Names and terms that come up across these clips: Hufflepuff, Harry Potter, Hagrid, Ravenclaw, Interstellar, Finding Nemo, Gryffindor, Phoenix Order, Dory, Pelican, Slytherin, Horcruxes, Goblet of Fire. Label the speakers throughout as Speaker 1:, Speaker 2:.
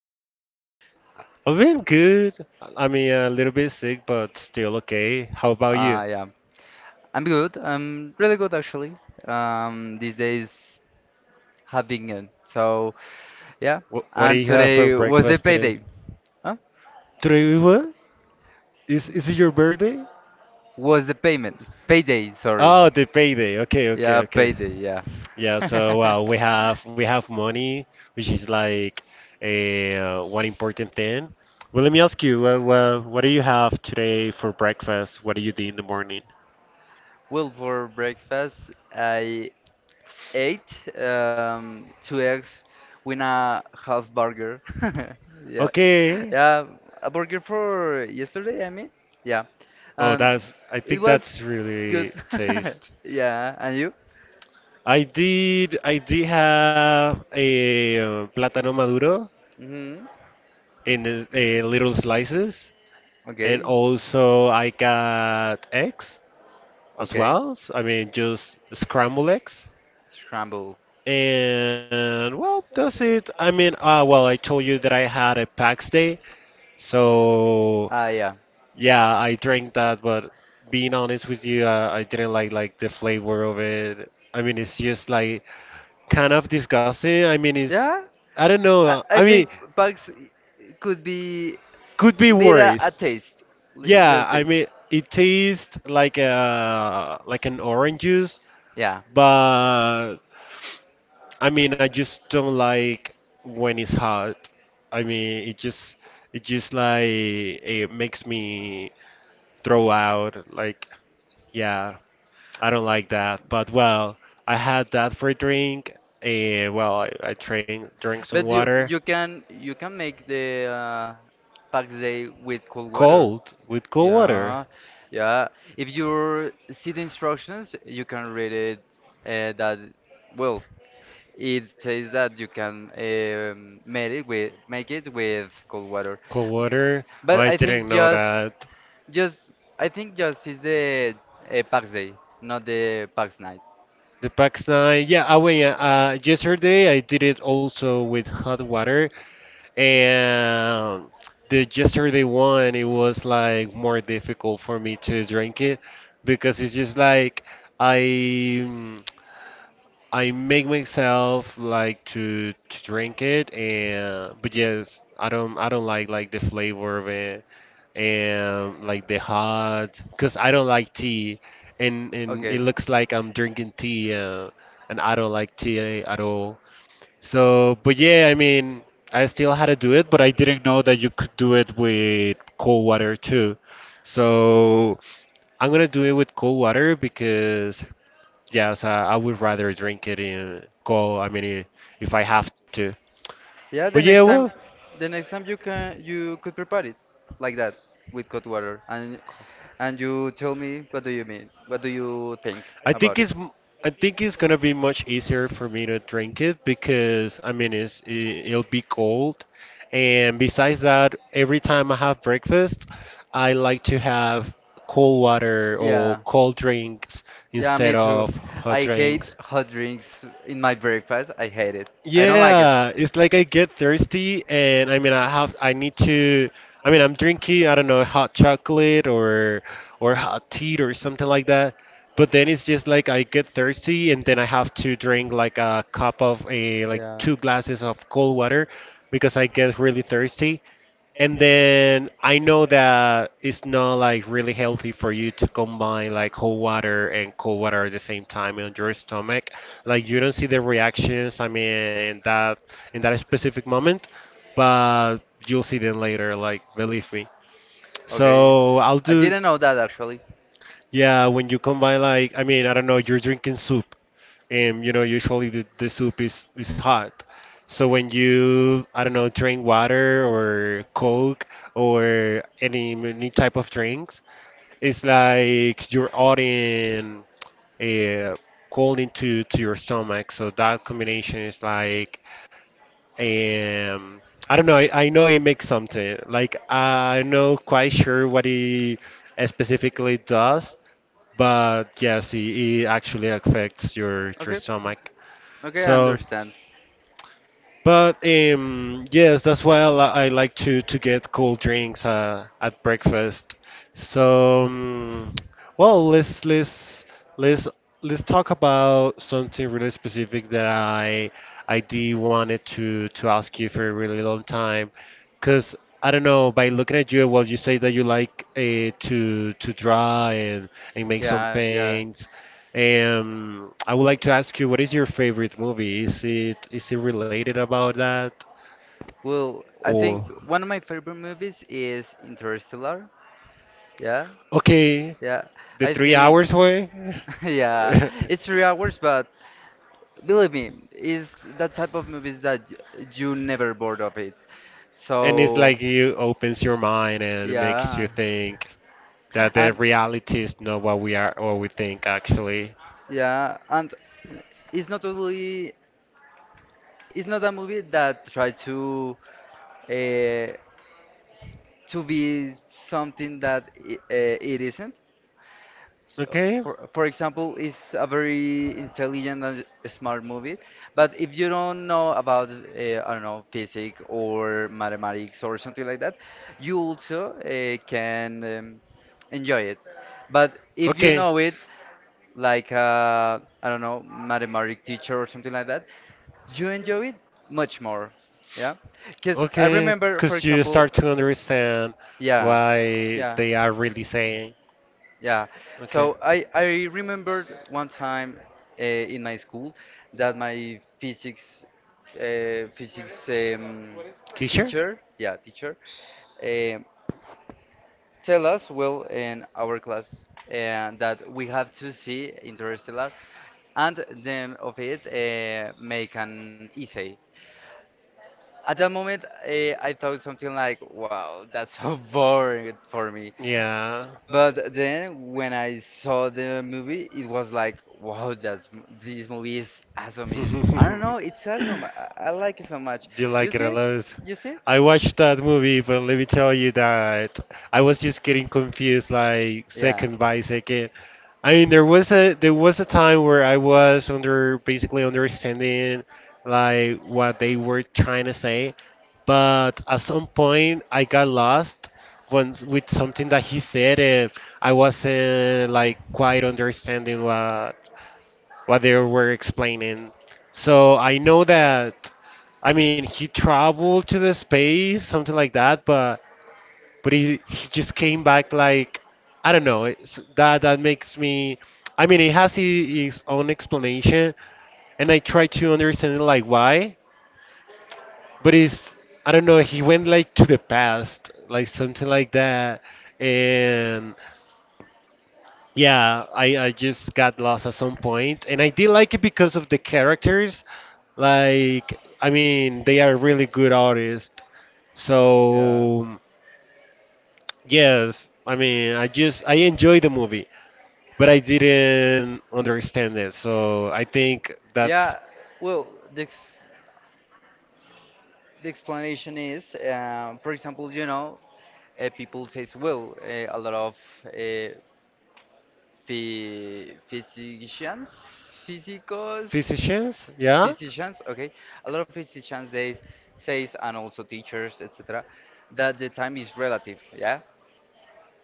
Speaker 1: have you been?
Speaker 2: I've been good. I mean, a little bit sick, but still okay. How about you?
Speaker 1: Yeah, I'm good. I'm really good actually. These days have been good. So yeah,
Speaker 2: What do
Speaker 1: and
Speaker 2: you have for
Speaker 1: today was the
Speaker 2: breakfast today?
Speaker 1: payday. Huh?
Speaker 2: Today we what? Is it your birthday?
Speaker 1: Was the payment payday? Sorry.
Speaker 2: Oh, the payday. Okay, okay,
Speaker 1: Yeah,
Speaker 2: okay.
Speaker 1: payday. Yeah.
Speaker 2: Yeah. So well, we have money, which is like a one important thing. Well, let me ask you. Well, what do you have today for breakfast? What do you do in the morning?
Speaker 1: Well, for breakfast, I eight two eggs with a half burger. Yeah,
Speaker 2: Okay.
Speaker 1: yeah, a burger for yesterday. I mean, yeah,
Speaker 2: Oh,
Speaker 1: um,
Speaker 2: that's I
Speaker 1: it
Speaker 2: think
Speaker 1: was
Speaker 2: that's
Speaker 1: good.
Speaker 2: really taste.
Speaker 1: Yeah, and you?
Speaker 2: I did have a plátano maduro
Speaker 1: Hmm.
Speaker 2: in little slices, and
Speaker 1: Okay,
Speaker 2: also I got eggs as
Speaker 1: okay,
Speaker 2: well. So, I mean, just scrambled eggs.
Speaker 1: scramble.
Speaker 2: And well, that's it. I mean, well, I told you that I had a PAX day, so
Speaker 1: Ah, yeah,
Speaker 2: yeah, I drank that. But being honest with you, I didn't like the flavor of it. I mean, it's just like kind of disgusting. I mean, it's
Speaker 1: yeah.
Speaker 2: I don't
Speaker 1: I,
Speaker 2: know.
Speaker 1: I
Speaker 2: I
Speaker 1: think
Speaker 2: mean,
Speaker 1: bugs could be
Speaker 2: could be
Speaker 1: little a
Speaker 2: worse.
Speaker 1: taste, little
Speaker 2: Yeah, I
Speaker 1: taste.
Speaker 2: mean, it tastes like a like an orange juice,
Speaker 1: Yeah,
Speaker 2: but I mean, I just don't like when it's hot. I mean, it just like it makes me throw out. Like, yeah. I don't like that. But well, I had that for a drink. Well, I drank some
Speaker 1: but you
Speaker 2: water.
Speaker 1: you can you can make the pack day with cold water.
Speaker 2: Cold, with cold water.
Speaker 1: Yeah, yeah. If you see the instructions, you can read it. That Well, it says that you can make it with cold water.
Speaker 2: Cold water? Oh,
Speaker 1: But
Speaker 2: I
Speaker 1: I think
Speaker 2: didn't know that.
Speaker 1: just just is the pack day, not the pack night.
Speaker 2: The Pax 9, yeah, I went, yesterday I did it also with hot water. And the yesterday one, it was like more difficult for me to drink it because it's just like I mm, I make myself like to drink it and but yes, I don't like the flavor of it and like the hot because I don't like tea and it looks like I'm drinking tea and I don't like tea at all. So but yeah, I mean I still had to do it, but I didn't know that you could do it with cold water too. So I'm gonna do it with cold water because yes, I would rather drink it in cold. I mean, if I have to.
Speaker 1: Yeah,
Speaker 2: But yeah, well,
Speaker 1: the next time you could prepare it like that with cold water, and
Speaker 2: co-
Speaker 1: you tell me what do you think
Speaker 2: I
Speaker 1: about
Speaker 2: think
Speaker 1: it?
Speaker 2: it's m- I think it's gonna be much easier for me to drink it because I mean, it's it'll be cold and besides that, every time I have breakfast, I like to have cold water or
Speaker 1: Yeah.
Speaker 2: cold drinks
Speaker 1: Yeah, me
Speaker 2: instead
Speaker 1: too.
Speaker 2: of hot
Speaker 1: I hate
Speaker 2: drinks.
Speaker 1: hot drinks in my breakfast. I hate it. I don't like it.
Speaker 2: Yeah, it's like I get thirsty and I mean I have I need to I mean I'm drinking I don't know hot chocolate or hot tea or something like that but then it's just like I get thirsty and then I have to drink like a cup of a like
Speaker 1: Yeah.
Speaker 2: two glasses of cold water because I get really thirsty. And then I know that it's not like really healthy for you to combine like cold water and cold water at the same time on your stomach. Like you don't see the reactions, I mean, in that in that specific moment, but you'll see them later, like believe me.
Speaker 1: Okay.
Speaker 2: So I'll
Speaker 1: I
Speaker 2: do.
Speaker 1: didn't know that actually.
Speaker 2: Yeah, when you combine like, I mean, I don't know, you're drinking soup, and you know, usually the soup is hot. So when you, I don't know, drink water or Coke or any type of drinks, it's like you're adding uh, cold into to your stomach. So that combination is like, um, I don't know, I know it makes something. Like I'm not quite sure what it specifically does but yes, it actually affects your
Speaker 1: Okay.
Speaker 2: stomach.
Speaker 1: Okay, I
Speaker 2: So,
Speaker 1: understand.
Speaker 2: but yes, that's why I like to get cold drinks at breakfast. So, well, let's let's talk about something really specific that I did wanted to ask you for a really long time, because I don't know. By looking at you, well, you say that you like to draw and make some
Speaker 1: Yeah, yeah.
Speaker 2: paints. I would like to ask you, what is your favorite movie? Is it related about that
Speaker 1: Well, I think
Speaker 2: or
Speaker 1: one of my favorite movies is Interstellar. Yeah,
Speaker 2: okay,
Speaker 1: yeah.
Speaker 2: the
Speaker 1: I
Speaker 2: three
Speaker 1: think,
Speaker 2: hours way?
Speaker 1: yeah, it's 3 hours, but believe me, it's that type of movies that you never bored of it.
Speaker 2: And it's
Speaker 1: So,
Speaker 2: like you opens your mind and makes you
Speaker 1: yeah,
Speaker 2: think that the
Speaker 1: and
Speaker 2: reality is not what we are or we think actually.
Speaker 1: yeah, and it's not only it's not a movie that try uh, to be something that it isn't. So,
Speaker 2: Okay.
Speaker 1: for example, it's a very intelligent and smart movie. But if you don't know about, I don't know, physics or mathematics or something like that, you also can enjoy it. But if you
Speaker 2: Okay,
Speaker 1: know it, like I don't know, mathematic teacher or something like that, you enjoy it much more. Yeah, because I
Speaker 2: okay,
Speaker 1: remember, for
Speaker 2: because you
Speaker 1: example,
Speaker 2: start to understand
Speaker 1: yeah,
Speaker 2: why
Speaker 1: yeah.
Speaker 2: they are really saying.
Speaker 1: Yeah.
Speaker 2: Okay.
Speaker 1: So I remembered one time in my school that my physics
Speaker 2: Teacher?
Speaker 1: teacher, yeah, teacher, um tell us well in our class and that we have to see Interstellar and then of it make an essay. At that moment, I thought something like, "Wow, that's so boring for me."
Speaker 2: Yeah.
Speaker 1: But then when I saw the movie, it was like, wow, that's this movie is awesome. Is I don't know, it's
Speaker 2: Do
Speaker 1: awesome. I like it so much.
Speaker 2: you
Speaker 1: You
Speaker 2: like it a
Speaker 1: see it?
Speaker 2: lot.
Speaker 1: You see it?
Speaker 2: I watched that movie, but let me tell you that I was just getting confused, like
Speaker 1: Yeah.
Speaker 2: second by second. I mean, there was a time where I was under basically understanding like what they were trying to say, but at some point I got lost when with something that he said, and I wasn't like quite understanding what they were explaining. So I know that, I mean, he traveled to the space, something like that, but he just came back like I don't know. It's, that that makes me. I mean, it has his own explanation, and I try to understand like why, but it's I don't know. He went like to the past, like something like that, and yeah, I just got lost at some point, and I did like it because of the characters. Like, I mean, they are really good artists.
Speaker 1: Yeah.
Speaker 2: So, yes, I mean, I enjoyed the movie, but I didn't understand it. So I think that's
Speaker 1: Yeah. Well, the ex the explanation is, for example, people says, well, a lot of uh, physicians, physicos.
Speaker 2: physicians, yeah?
Speaker 1: Physicians, okay, a lot of physicians they says and also teachers, etc., that the time is relative, yeah,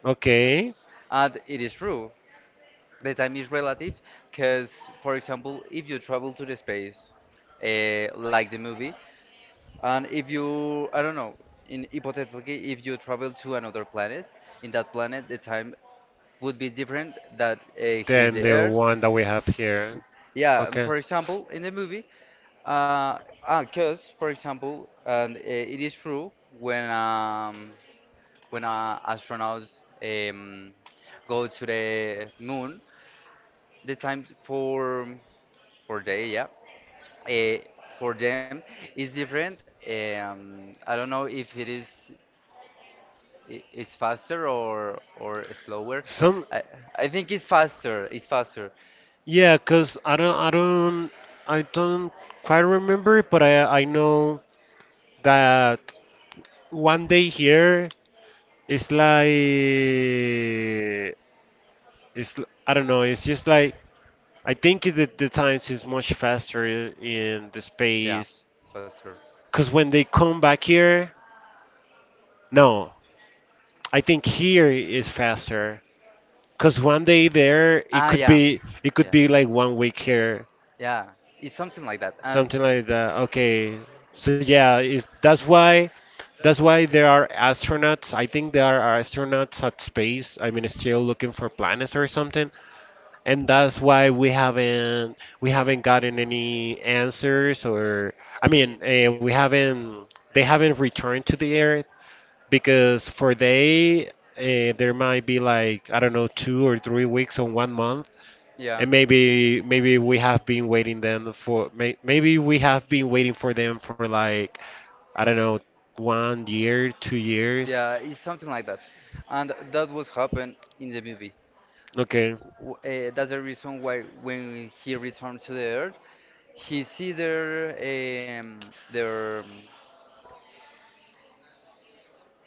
Speaker 2: Okay.
Speaker 1: and it is true. The time is relative because, for example, if you travel to the space, like the movie, and if you, I don't know, in hypothetically, if you travel to another planet, in that planet the time would be different that here the
Speaker 2: Then the
Speaker 1: Earth.
Speaker 2: one that we have here.
Speaker 1: Yeah, and
Speaker 2: Okay.
Speaker 1: for example, in the movie Uh, 'cause, for example, and it is true when when astronauts um, go to the moon, the time for day, yeah, uh, for them is different. I don't know if it is it's faster or slower.
Speaker 2: Some
Speaker 1: I I think it's faster. It's faster.
Speaker 2: yeah, cause I don't quite remember, it, but I know that one day here is like it's I don't know. It's just like I think the times is much faster in the
Speaker 1: Yeah,
Speaker 2: space
Speaker 1: it's faster.
Speaker 2: because when they come back here, no, I think here is faster because one day there
Speaker 1: Ah, yeah.
Speaker 2: it could be like 1 week here,
Speaker 1: Yeah, it's something like that. And
Speaker 2: something like that. Okay, so yeah, is that's why there are astronauts. I think there are astronauts at space. I mean, still looking for planets or something and that's why we haven't gotten any answers or I mean we haven't they haven't returned to the earth because for they there might be like I don't know 2 or 3 weeks or 1 month
Speaker 1: yeah,
Speaker 2: and maybe we have been waiting them for maybe we have been waiting for them for like I don't know 1 year 2 years
Speaker 1: yeah, it's something like that. And that was happened in the movie.
Speaker 2: okay
Speaker 1: That's the reason why when he returned to the earth, he see their um, their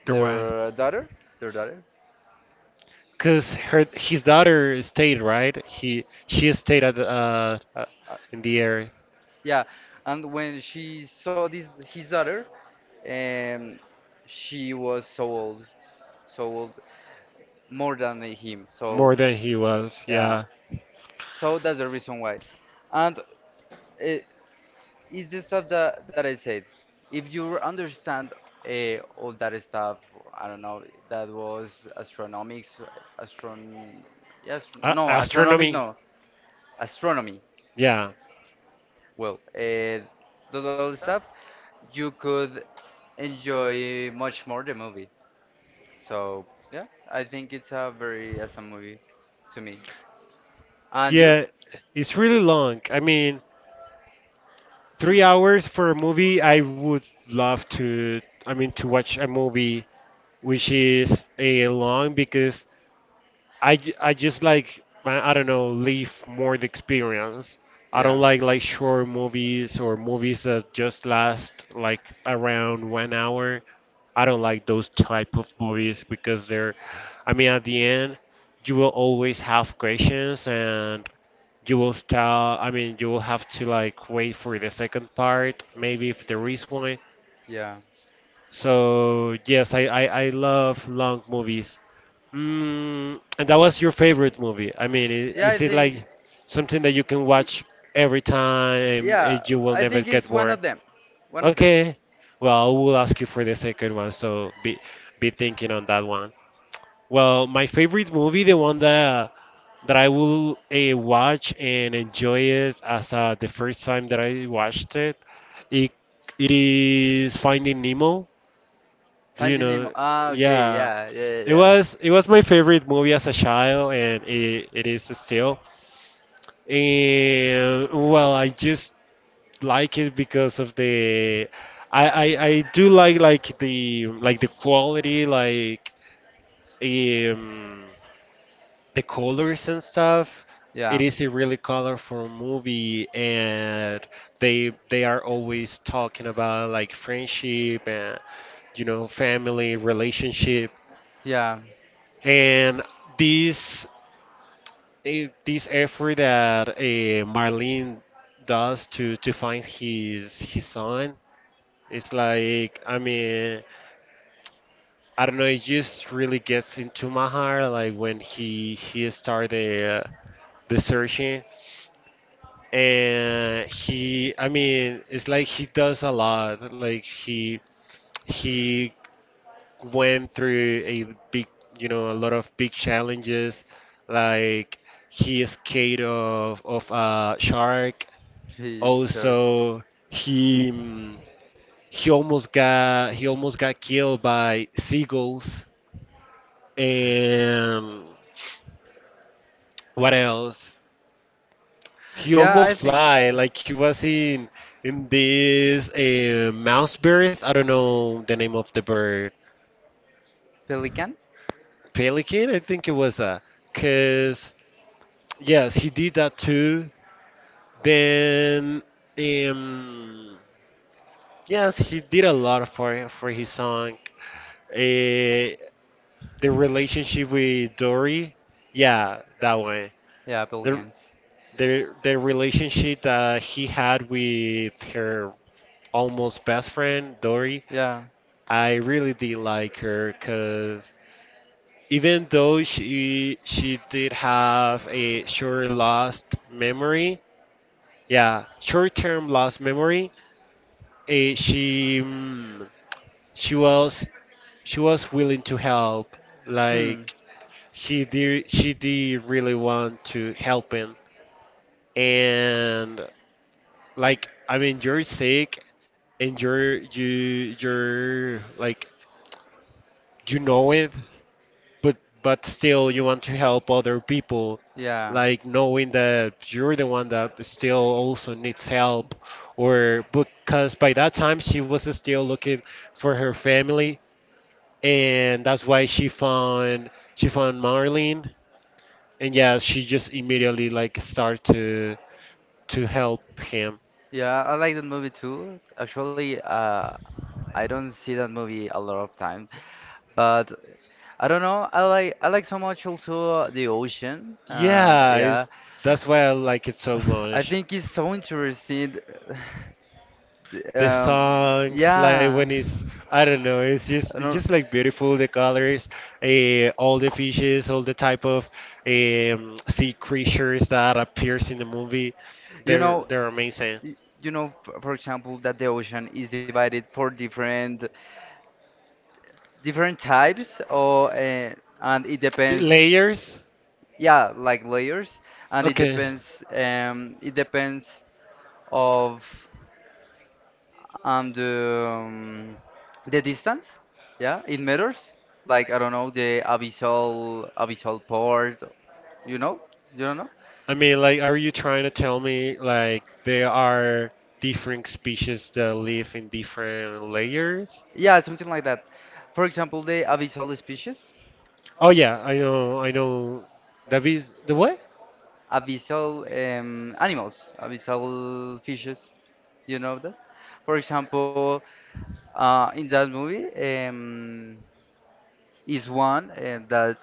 Speaker 2: there was
Speaker 1: their daughter.
Speaker 2: cause her his daughter stayed right. He she stayed at the,
Speaker 1: Uh,
Speaker 2: in the air
Speaker 1: yeah, and when she saw this his daughter, um, she was so old, more than him. So
Speaker 2: more than he was.
Speaker 1: yeah,
Speaker 2: Yeah,
Speaker 1: so that's the reason why. And uh, it's the stuff that, I said. If you understand all that stuff, I don't know, that was astronomics, astron, yes,
Speaker 2: a
Speaker 1: no, astronomic,
Speaker 2: astronomy.
Speaker 1: no, astronomy.
Speaker 2: Yeah,
Speaker 1: Well, those all stuff, you could enjoy much more the movie. So yeah, I think it's a very awesome movie to me. And you?
Speaker 2: yeah. It's really long. I mean,
Speaker 1: Hmm.
Speaker 2: 3 hours for a movie. I would love to. I mean, to watch a movie which is a long because I just like man, I don't know live more the experience. I don't
Speaker 1: Yeah.
Speaker 2: like short movies or movies that just last like around 1 hour. I don't like those type of movies because they're, I mean, at the end, you will always have questions and you will start. I mean, you will have to like wait for the second part, maybe if there is one.
Speaker 1: Yeah.
Speaker 2: So yes, I love long movies. Mm, and that was your favorite movie. I mean,
Speaker 1: Yeah, I
Speaker 2: is it
Speaker 1: think.
Speaker 2: like something that you can
Speaker 1: i-
Speaker 2: watch every time
Speaker 1: Yeah,
Speaker 2: and you will
Speaker 1: I
Speaker 2: never
Speaker 1: think
Speaker 2: get
Speaker 1: it's one
Speaker 2: bored?
Speaker 1: of them. One of them.
Speaker 2: Okay. Well, I will ask you for the second one, so be thinking on that one. Well, my favorite movie, the one that I will watch and enjoy it as the first time that I watched it, it, it is Finding Nemo. Do you
Speaker 1: Finding Nemo.
Speaker 2: know?
Speaker 1: Ah, okay.
Speaker 2: Yeah,
Speaker 1: Yeah, yeah,
Speaker 2: it was my favorite movie as a child,
Speaker 1: yeah,
Speaker 2: and it is
Speaker 1: yeah.
Speaker 2: still. And well, I just like it because of the I do like the the quality, like um the colors and stuff. It
Speaker 1: Yeah.
Speaker 2: is a really colorful movie, and they are always talking about like friendship and you know family relationship.
Speaker 1: Yeah.
Speaker 2: And this this effort that Marlene does to find his son is like I mean I don't know it just really gets into my heart like when he started the searching and he I mean it's like he does a lot like he went through a big, you know, a lot of big challenges. Like he escaped of a shark.
Speaker 1: She sure.
Speaker 2: Also, he he almost got killed by seagulls. And what else? He
Speaker 1: Yeah,
Speaker 2: almost
Speaker 1: I think
Speaker 2: fly like he was in this mouse bird. I don't know the name of the bird.
Speaker 1: Pelican.
Speaker 2: Pelican, I think it was a. Cause. Yes, he did that too. Then, um, yes, he did a lot for his song. Uh, the relationship with Dory, yeah, that one.
Speaker 1: Yeah,
Speaker 2: The
Speaker 1: Pelicans.
Speaker 2: the relationship that he had with her almost best friend Dory,
Speaker 1: Yeah.
Speaker 2: I really did like her because even though she did have a short lost memory, yeah, short term lost memory eh, she she was she was willing to help.
Speaker 1: Hmm.
Speaker 2: Like he did she did really want to help him. And like I mean, you're sick, and you're like you know it, but but still you want to help other people.
Speaker 1: Yeah.
Speaker 2: Like knowing that you're the one that still also needs help, or because by that time she was still looking for her family, and that's why she found Marlene, and yeah, she just immediately like start to help him.
Speaker 1: Yeah, I like that movie too. Actually, I don't see that movie a lot of time, but I don't know. I like so much also the ocean and
Speaker 2: Yeah,
Speaker 1: yeah.
Speaker 2: that's why I like it so
Speaker 1: I
Speaker 2: much.
Speaker 1: think it's so interesting.
Speaker 2: The songs, like when
Speaker 1: Yeah.
Speaker 2: it's I don't know,
Speaker 1: I
Speaker 2: it's just
Speaker 1: don't.
Speaker 2: like beautiful. The colors, all the fishes, all the type of sea creatures that appears in the movie,
Speaker 1: You
Speaker 2: they're
Speaker 1: know,
Speaker 2: they're amazing.
Speaker 1: y- for example, that the ocean is divided for different types or and it
Speaker 2: The
Speaker 1: depends,
Speaker 2: layers?
Speaker 1: yeah, like layers, and it
Speaker 2: Okay.
Speaker 1: depends um it depends of um the um, the distance, yeah, it matters, like I don't know, the abyssal port, you know, you don't know,
Speaker 2: I mean, like, are you trying to tell me, like, there are different species that live in different layers?
Speaker 1: yeah, something like that, for example the abyssal species,
Speaker 2: Oh, yeah, I know. That is the what?
Speaker 1: abyssal animals, abyssal fishes, you know that, for example, in that movie, is one that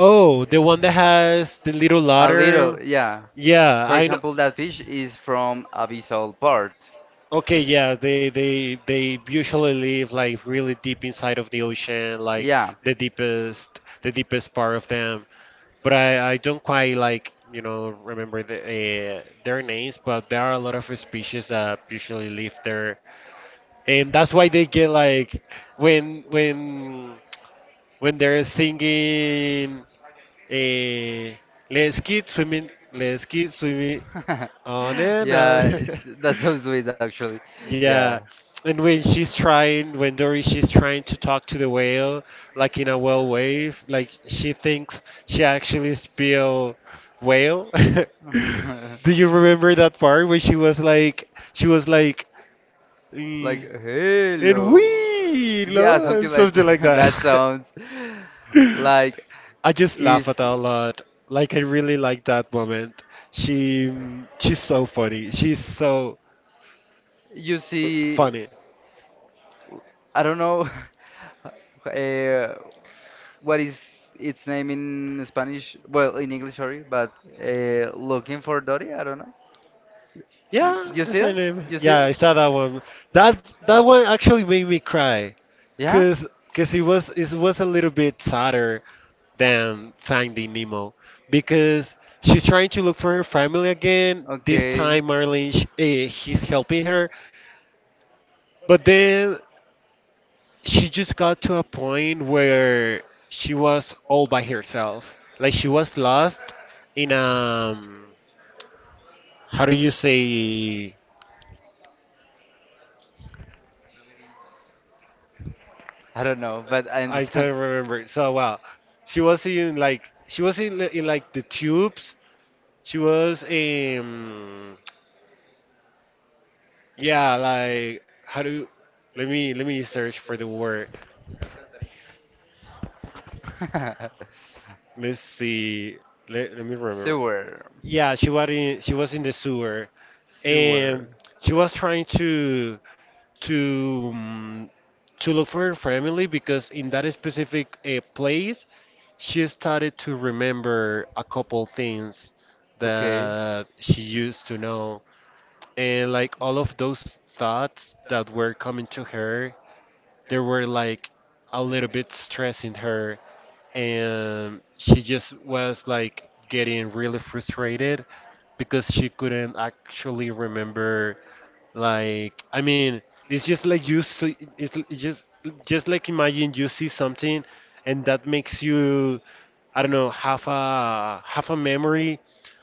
Speaker 2: Oh, the one that has the little
Speaker 1: a
Speaker 2: ladder.
Speaker 1: little, yeah.
Speaker 2: Yeah,
Speaker 1: For
Speaker 2: I know.
Speaker 1: example, that fish is from abyssal part.
Speaker 2: Okay, yeah, they usually live like really deep inside of the ocean, like
Speaker 1: Yeah.
Speaker 2: the deepest part of them. But I don't quite like remember the, their names, but there are a lot of species that usually live there, and that's why they get like when when when they're singing eh, let's keep swimming, let's keep swimming on and on.
Speaker 1: Yeah, it, that's so sweet actually. Yeah.
Speaker 2: yeah. And when she's trying, when Dory she's trying to talk to the whale, like in a whale wave, like she thinks she actually spell whale. do you remember that part where she was like, "Mm,
Speaker 1: Like,
Speaker 2: and
Speaker 1: hello.
Speaker 2: we
Speaker 1: Yeah,
Speaker 2: lo,"
Speaker 1: something like
Speaker 2: something like
Speaker 1: that
Speaker 2: that.
Speaker 1: sounds like
Speaker 2: I just laugh at
Speaker 1: is.
Speaker 2: her a lot. Like I really like that moment. She she's so funny. She's so
Speaker 1: You see,
Speaker 2: funny.
Speaker 1: I don't know uh, what is its name in Spanish, well, in English, sorry, but looking for Dory, I don't know.
Speaker 2: Yeah,
Speaker 1: You see
Speaker 2: that's her
Speaker 1: that? You
Speaker 2: name.
Speaker 1: see
Speaker 2: Yeah,
Speaker 1: that?
Speaker 2: I saw that one. That that one actually made me cry,
Speaker 1: Yeah?
Speaker 2: cause cause it was a little bit sadder than Finding Nemo, because she's trying to look for her family again. This
Speaker 1: Okay.
Speaker 2: time, Marlene, he's helping her, but then she just got to a point where she was all by herself. Like she was lost in how do you say.
Speaker 1: I don't know, but I
Speaker 2: I
Speaker 1: understand.
Speaker 2: don't remember. So wow, she was in, in like the tubes. She was yeah, like how do, let me search for the word. Let's see. Let me remember.
Speaker 1: Sewer.
Speaker 2: Yeah, she was in the sewer. And
Speaker 1: Sewer.
Speaker 2: she was trying to to um, to look for her family because in that specific place she started to remember a couple things
Speaker 1: Okay.
Speaker 2: that she used to know, and like all of those thoughts that were coming to her, they were like a little bit stressing her, and she just was like getting really frustrated because she couldn't actually remember. Like, I mean, it's just like you see, it's l- it's just like imagine you see something and that makes you, I don't know, have a memory,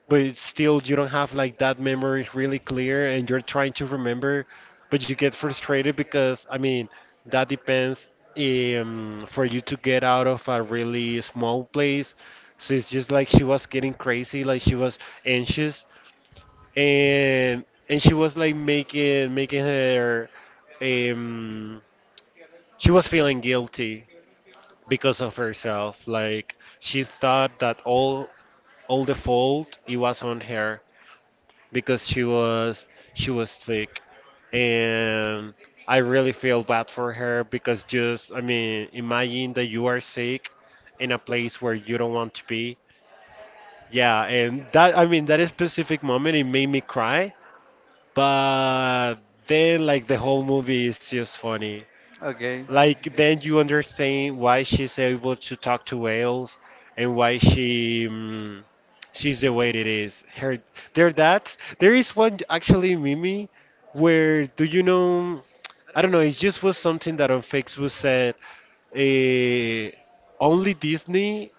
Speaker 2: but it's still you don't have like that memory really clear, and you're trying to remember, but you get frustrated because, I mean, that depends for you to get out of a really small place. So it's just like she was getting crazy, like she was anxious, and she was like making her um she was feeling guilty because of herself, like she thought that all the fault it was on her because she was sick. And I really feel bad for her because, just, I mean, imagine that you are sick in a place where you don't want to be. Yeah, and that, I mean, that specific moment it made me cry, but then like the whole movie is just funny.
Speaker 1: Okay.
Speaker 2: Like then you understand why she's able to talk to whales and why she's the way it is. Her, there, that there is one actually, Mimi, where do you know, I don't know, it just was something that on Facebook said, eh, only Disney,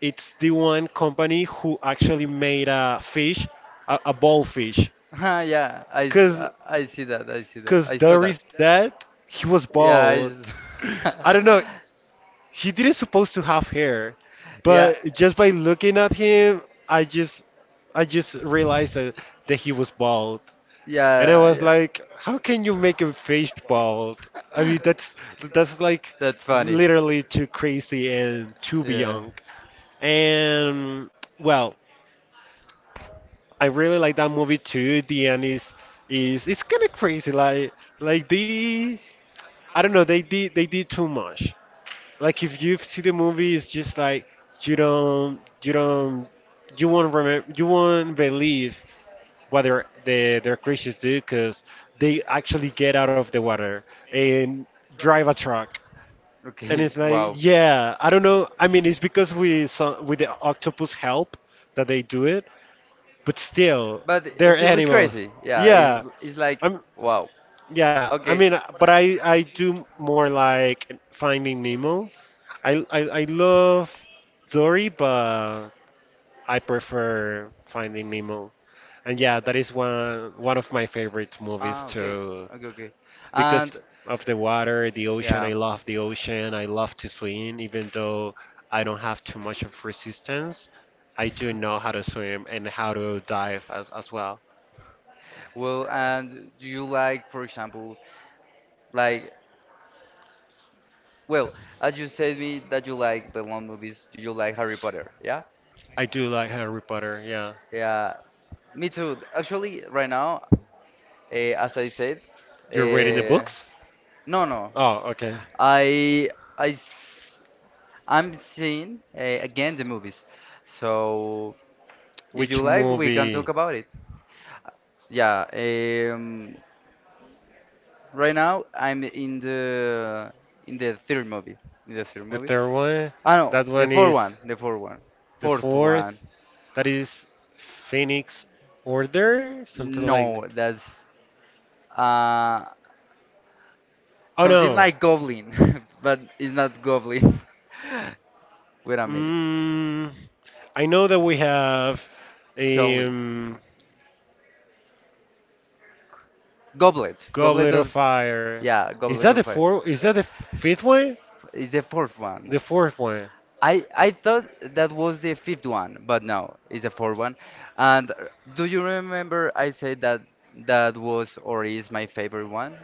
Speaker 2: it's the one company who actually made a fish, a ball fish,
Speaker 1: Ah, yeah,
Speaker 2: because cause
Speaker 1: I saw that.
Speaker 2: Doris dad, he was
Speaker 1: Yeah, I,
Speaker 2: bald.
Speaker 1: s-
Speaker 2: I don't know. He didn't supposed to have hair,
Speaker 1: yeah,
Speaker 2: but just by looking at him, I just, I just realized that, that he was bald, and I was
Speaker 1: yeah,
Speaker 2: like, how can you make a face bald? I mean,
Speaker 1: yeah.
Speaker 2: that's like
Speaker 1: That's funny.
Speaker 2: literally too crazy and too
Speaker 1: Yeah.
Speaker 2: beyond. And, well, I really like that movie too. The end is it's kind of crazy. Like they I don't know. They did too much. Like if you see the movie, it's just like you don't you won't believe what their creatures do, because they actually get out of the water and drive a truck. And
Speaker 1: Okay.
Speaker 2: it's like,
Speaker 1: Wow.
Speaker 2: yeah, I don't know. I mean, it's because we saw with the octopus help that they do it, but still they're
Speaker 1: It's
Speaker 2: animals.
Speaker 1: crazy. Yeah. It's
Speaker 2: Yeah.
Speaker 1: it's like
Speaker 2: I'm
Speaker 1: wow.
Speaker 2: yeah, I
Speaker 1: Okay.
Speaker 2: mean, but I do more like Finding Nemo. I love Dory, but I prefer Finding Nemo. And yeah, that is one of my favorite movies
Speaker 1: Ah, okay,
Speaker 2: too,
Speaker 1: okay, okay. And of
Speaker 2: because of the water, the ocean.
Speaker 1: yeah, I
Speaker 2: I
Speaker 1: love
Speaker 2: love the ocean. I love to swim, even though I don't have too much of resistance. I do know how to swim and how to dive as well.
Speaker 1: well. Well, and do you like, for example, like, well, as you said me that you like the long movies, do you like Harry Potter? Yeah,
Speaker 2: I do like Harry Potter. Yeah,
Speaker 1: yeah, me too. Actually, right now, as I said,
Speaker 2: you're reading the
Speaker 1: eh,
Speaker 2: books?
Speaker 1: no, no,
Speaker 2: Oh, okay.
Speaker 1: I, I. I'm seeing again the movies. So if you
Speaker 2: Which
Speaker 1: like, we can talk
Speaker 2: movie?
Speaker 1: about it. Yeah, right now I'm in the third movie. In the third
Speaker 2: The
Speaker 1: movie.
Speaker 2: third one?
Speaker 1: Ah no,
Speaker 2: That
Speaker 1: the
Speaker 2: one
Speaker 1: fourth
Speaker 2: is.
Speaker 1: one. The fourth one.
Speaker 2: The
Speaker 1: Fourth one.
Speaker 2: fourth, that is Phoenix Order, something like that.
Speaker 1: No, that's uh
Speaker 2: Oh
Speaker 1: something
Speaker 2: no.
Speaker 1: like Goblin, but it's not Goblin. Wait a minute.
Speaker 2: Mm, I know that we have
Speaker 1: Goblin.
Speaker 2: um,
Speaker 1: Goblet. Goblet
Speaker 2: Goblet of
Speaker 1: of.
Speaker 2: Fire.
Speaker 1: Yeah,
Speaker 2: Is
Speaker 1: Goblet
Speaker 2: that the
Speaker 1: of Fire.
Speaker 2: four? Is that the fifth one?
Speaker 1: It's the fourth one.
Speaker 2: The fourth one.
Speaker 1: I thought that was the fifth one, but no, it's the fourth one. And do you remember I said that that was or is my favorite one?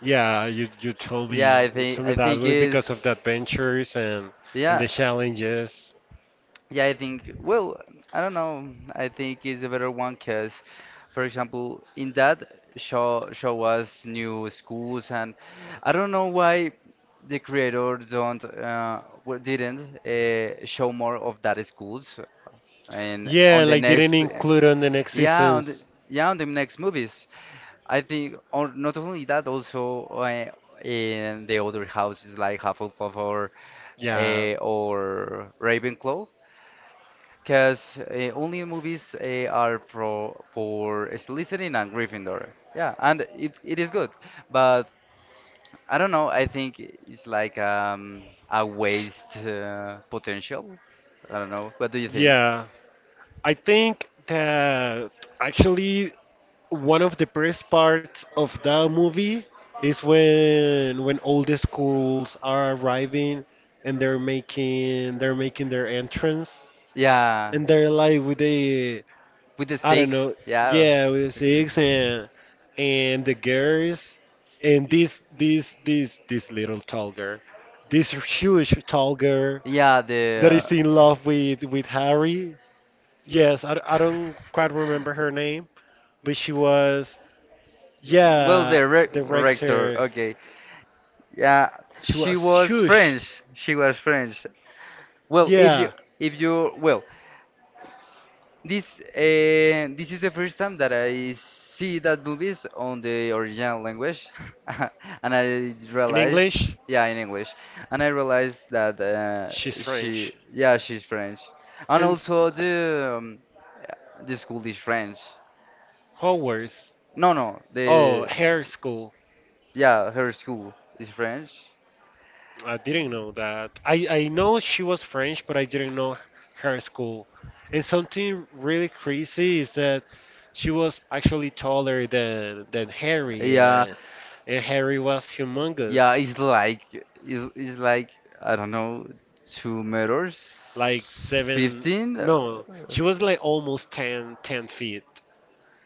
Speaker 2: Yeah, you you told
Speaker 1: Yeah,
Speaker 2: me you told me
Speaker 1: I
Speaker 2: that
Speaker 1: think
Speaker 2: was
Speaker 1: is,
Speaker 2: because of the adventures and
Speaker 1: yeah.
Speaker 2: the challenges.
Speaker 1: Yeah, I think, well, I don't know. I think it's a better one because, for example, in that show us new schools, and I don't know why the creator don't well, didn't show more of that schools, and
Speaker 2: Yeah,
Speaker 1: the
Speaker 2: like didn't include on the next
Speaker 1: yeah, on the
Speaker 2: seasons.
Speaker 1: yeah on the next movies. I think, or not only that, also in the other houses like Hufflepuff
Speaker 2: Yeah.
Speaker 1: or Ravenclaw. Because only movies are for Slytherin and Gryffindor. Yeah, and it is good, but I don't know. I think it's like a waste potential. I don't know. What do you think?
Speaker 2: Yeah, I think that actually one of the best parts of that movie is when all the schools are arriving, and they're making their entrance,
Speaker 1: Yeah,
Speaker 2: and they're like with the
Speaker 1: with the
Speaker 2: I don't
Speaker 1: stakes.
Speaker 2: know,
Speaker 1: Yeah,
Speaker 2: yeah, with the six, and the girls, and this little tall girl, this huge tall girl
Speaker 1: yeah. The
Speaker 2: that is in love with Harry. Yes, I don't quite remember her name, but she was,
Speaker 1: well,
Speaker 2: yeah,
Speaker 1: the re
Speaker 2: the
Speaker 1: rector.
Speaker 2: rector.
Speaker 1: Okay. Yeah,
Speaker 2: She
Speaker 1: she
Speaker 2: was
Speaker 1: was
Speaker 2: huge.
Speaker 1: French. She was French. Well,
Speaker 2: Yeah.
Speaker 1: if you, well, this is the first time that I see that movies on the original language, and I
Speaker 2: In
Speaker 1: realized,
Speaker 2: English,
Speaker 1: yeah, in English, and I realized that
Speaker 2: she's
Speaker 1: she,
Speaker 2: French.
Speaker 1: yeah, she's French, and
Speaker 2: In
Speaker 1: also the school is French.
Speaker 2: Hogwarts.
Speaker 1: No, no,
Speaker 2: Oh,
Speaker 1: the,
Speaker 2: hair school.
Speaker 1: yeah, her school is French.
Speaker 2: I didn't know that. I know she was French, but I didn't know her school. And something really crazy is that she was actually taller than Harry,
Speaker 1: Yeah,
Speaker 2: and Harry was humongous.
Speaker 1: yeah, it's like I don't know, 2 meters, like
Speaker 2: Like seven,
Speaker 1: 15. She
Speaker 2: no,
Speaker 1: was,
Speaker 2: she was like almost 10, 10 feet.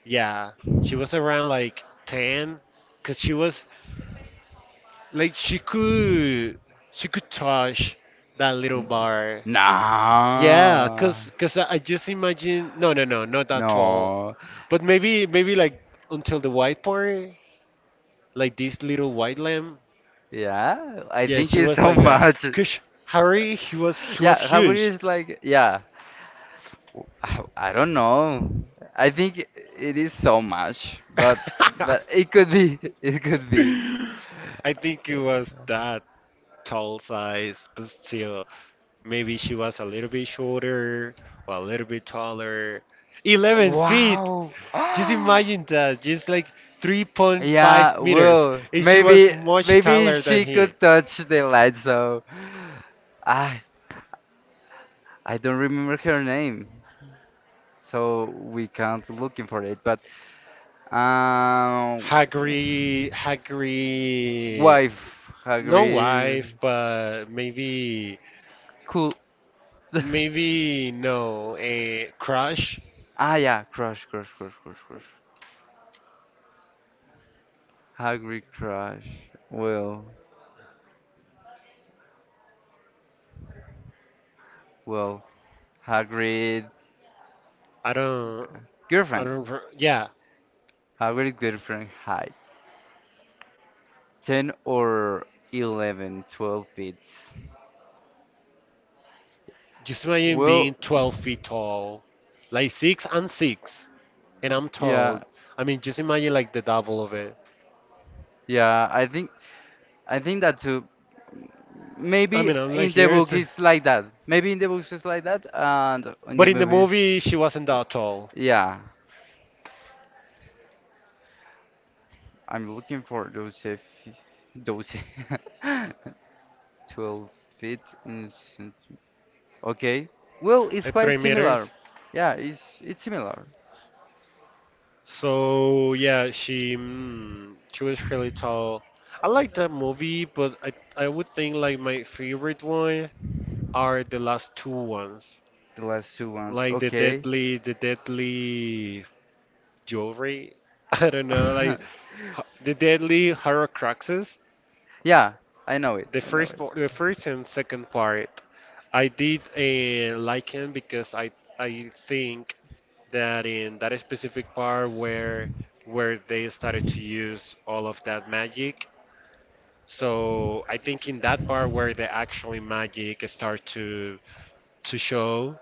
Speaker 2: Yeah, she was around like 10, because she was like she could touch that little bar.
Speaker 1: yeah, nah.
Speaker 2: Yeah, because I just imagine, no, no, no, not that tall,
Speaker 1: No.
Speaker 2: but maybe maybe like until the white part, like this little white lamb.
Speaker 1: Yeah, I
Speaker 2: Yeah,
Speaker 1: think
Speaker 2: she
Speaker 1: it's
Speaker 2: was
Speaker 1: so
Speaker 2: like that,
Speaker 1: much.
Speaker 2: because Harry, he was
Speaker 1: Yeah, how it
Speaker 2: huge.
Speaker 1: is like, yeah, I don't know. I think it is so much, but it could be, it could be.
Speaker 2: I think it was that tall size, but still, maybe she was a little bit shorter or a little bit taller. 11 feet!
Speaker 1: Wow. Just
Speaker 2: Just imagine that, just like 3.5
Speaker 1: Yeah, meters.
Speaker 2: meters,
Speaker 1: Well, it's
Speaker 2: and she was
Speaker 1: maybe
Speaker 2: much
Speaker 1: maybe
Speaker 2: taller than
Speaker 1: she
Speaker 2: he.
Speaker 1: could meters touch the light, so I I don't remember her name, so we can't looking for it. But um,
Speaker 2: Hagri, Hagri,
Speaker 1: wife,
Speaker 2: no wife,
Speaker 1: Hagrid,
Speaker 2: but maybe,
Speaker 1: cool. Maybe,
Speaker 2: maybe no, a crush.
Speaker 1: ah, yeah, crush, crush, crush, crush, crush. Hagrid crush. Well, Well, Hagrid
Speaker 2: I don't, I
Speaker 1: girlfriend.
Speaker 2: don't. Re- Yeah.
Speaker 1: Hagrid girlfriend height. 10 or 11, 12 feet.
Speaker 2: Just imagine being
Speaker 1: Well,
Speaker 2: 12 feet tall, like six and six, and I'm
Speaker 1: yeah,
Speaker 2: tall. I mean, just imagine like the double of it.
Speaker 1: yeah, I think that too.
Speaker 2: I
Speaker 1: Maybe
Speaker 2: mean, I'm like
Speaker 1: in the
Speaker 2: here is,
Speaker 1: book it's like that. Maybe in the books it's like that and in
Speaker 2: but
Speaker 1: the
Speaker 2: in the
Speaker 1: movies.
Speaker 2: movie she wasn't that tall,
Speaker 1: Yeah, I'm looking for those if those 12 feet in. Okay. Well, it's
Speaker 2: like three
Speaker 1: quite similar.
Speaker 2: meters.
Speaker 1: Yeah, it's similar.
Speaker 2: So yeah, she was really tall. I like that movie, but I would think like my favorite one are the last two ones,
Speaker 1: The last two ones.
Speaker 2: like
Speaker 1: Okay.
Speaker 2: the deadly jewelry. I don't know, like The Deadly Horrocruxes,
Speaker 1: Yeah, I know it. I know it.
Speaker 2: the first and second part. I did like him because I think that in that specific part where they started to use all of that magic. So I think in that part where the actually magic start to show,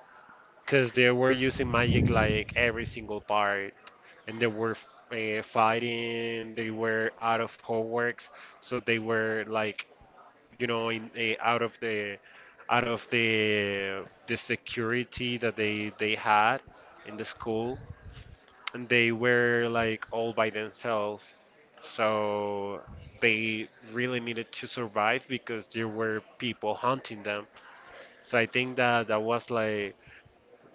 Speaker 2: because they were using magic like every single part, and they were fighting. They were out of Hogwarts, so they were like you know, in, out of the the security that they had in the school, and they were like all by themselves. So they really needed to survive because there were people hunting them. So I think that that was like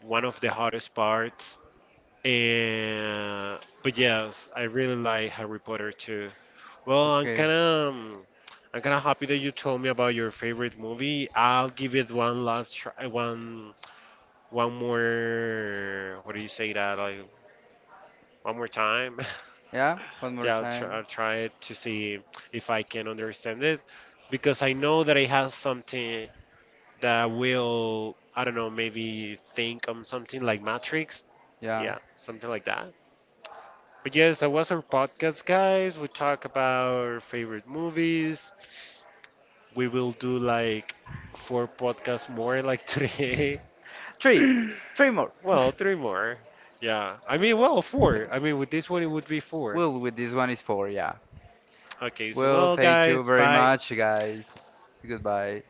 Speaker 2: one of the hardest parts. And but yes, I really like Harry Potter too. Well,
Speaker 1: Okay.
Speaker 2: I'm kind of happy that you told me about your favorite movie. I'll give it one last try, one more. What do you say that? Like one more time.
Speaker 1: Yeah, one more
Speaker 2: Yeah,
Speaker 1: time.
Speaker 2: I'll try it to see if I can understand it, because I know that it has something that will, I don't know, maybe think on something like Matrix.
Speaker 1: Yeah.
Speaker 2: Yeah, something like that. But yes, that was our podcast, guys. We talk about our favorite movies. We will do like four podcasts more, like today.
Speaker 1: Three. Three more. Three.
Speaker 2: Well, three more. Yeah. I mean, well, four. I mean, with this one, it would be four.
Speaker 1: Well, with this one is four, yeah.
Speaker 2: Okay, so,
Speaker 1: Well,
Speaker 2: well,
Speaker 1: thank you
Speaker 2: guys,
Speaker 1: very
Speaker 2: bye.
Speaker 1: much, guys. Goodbye.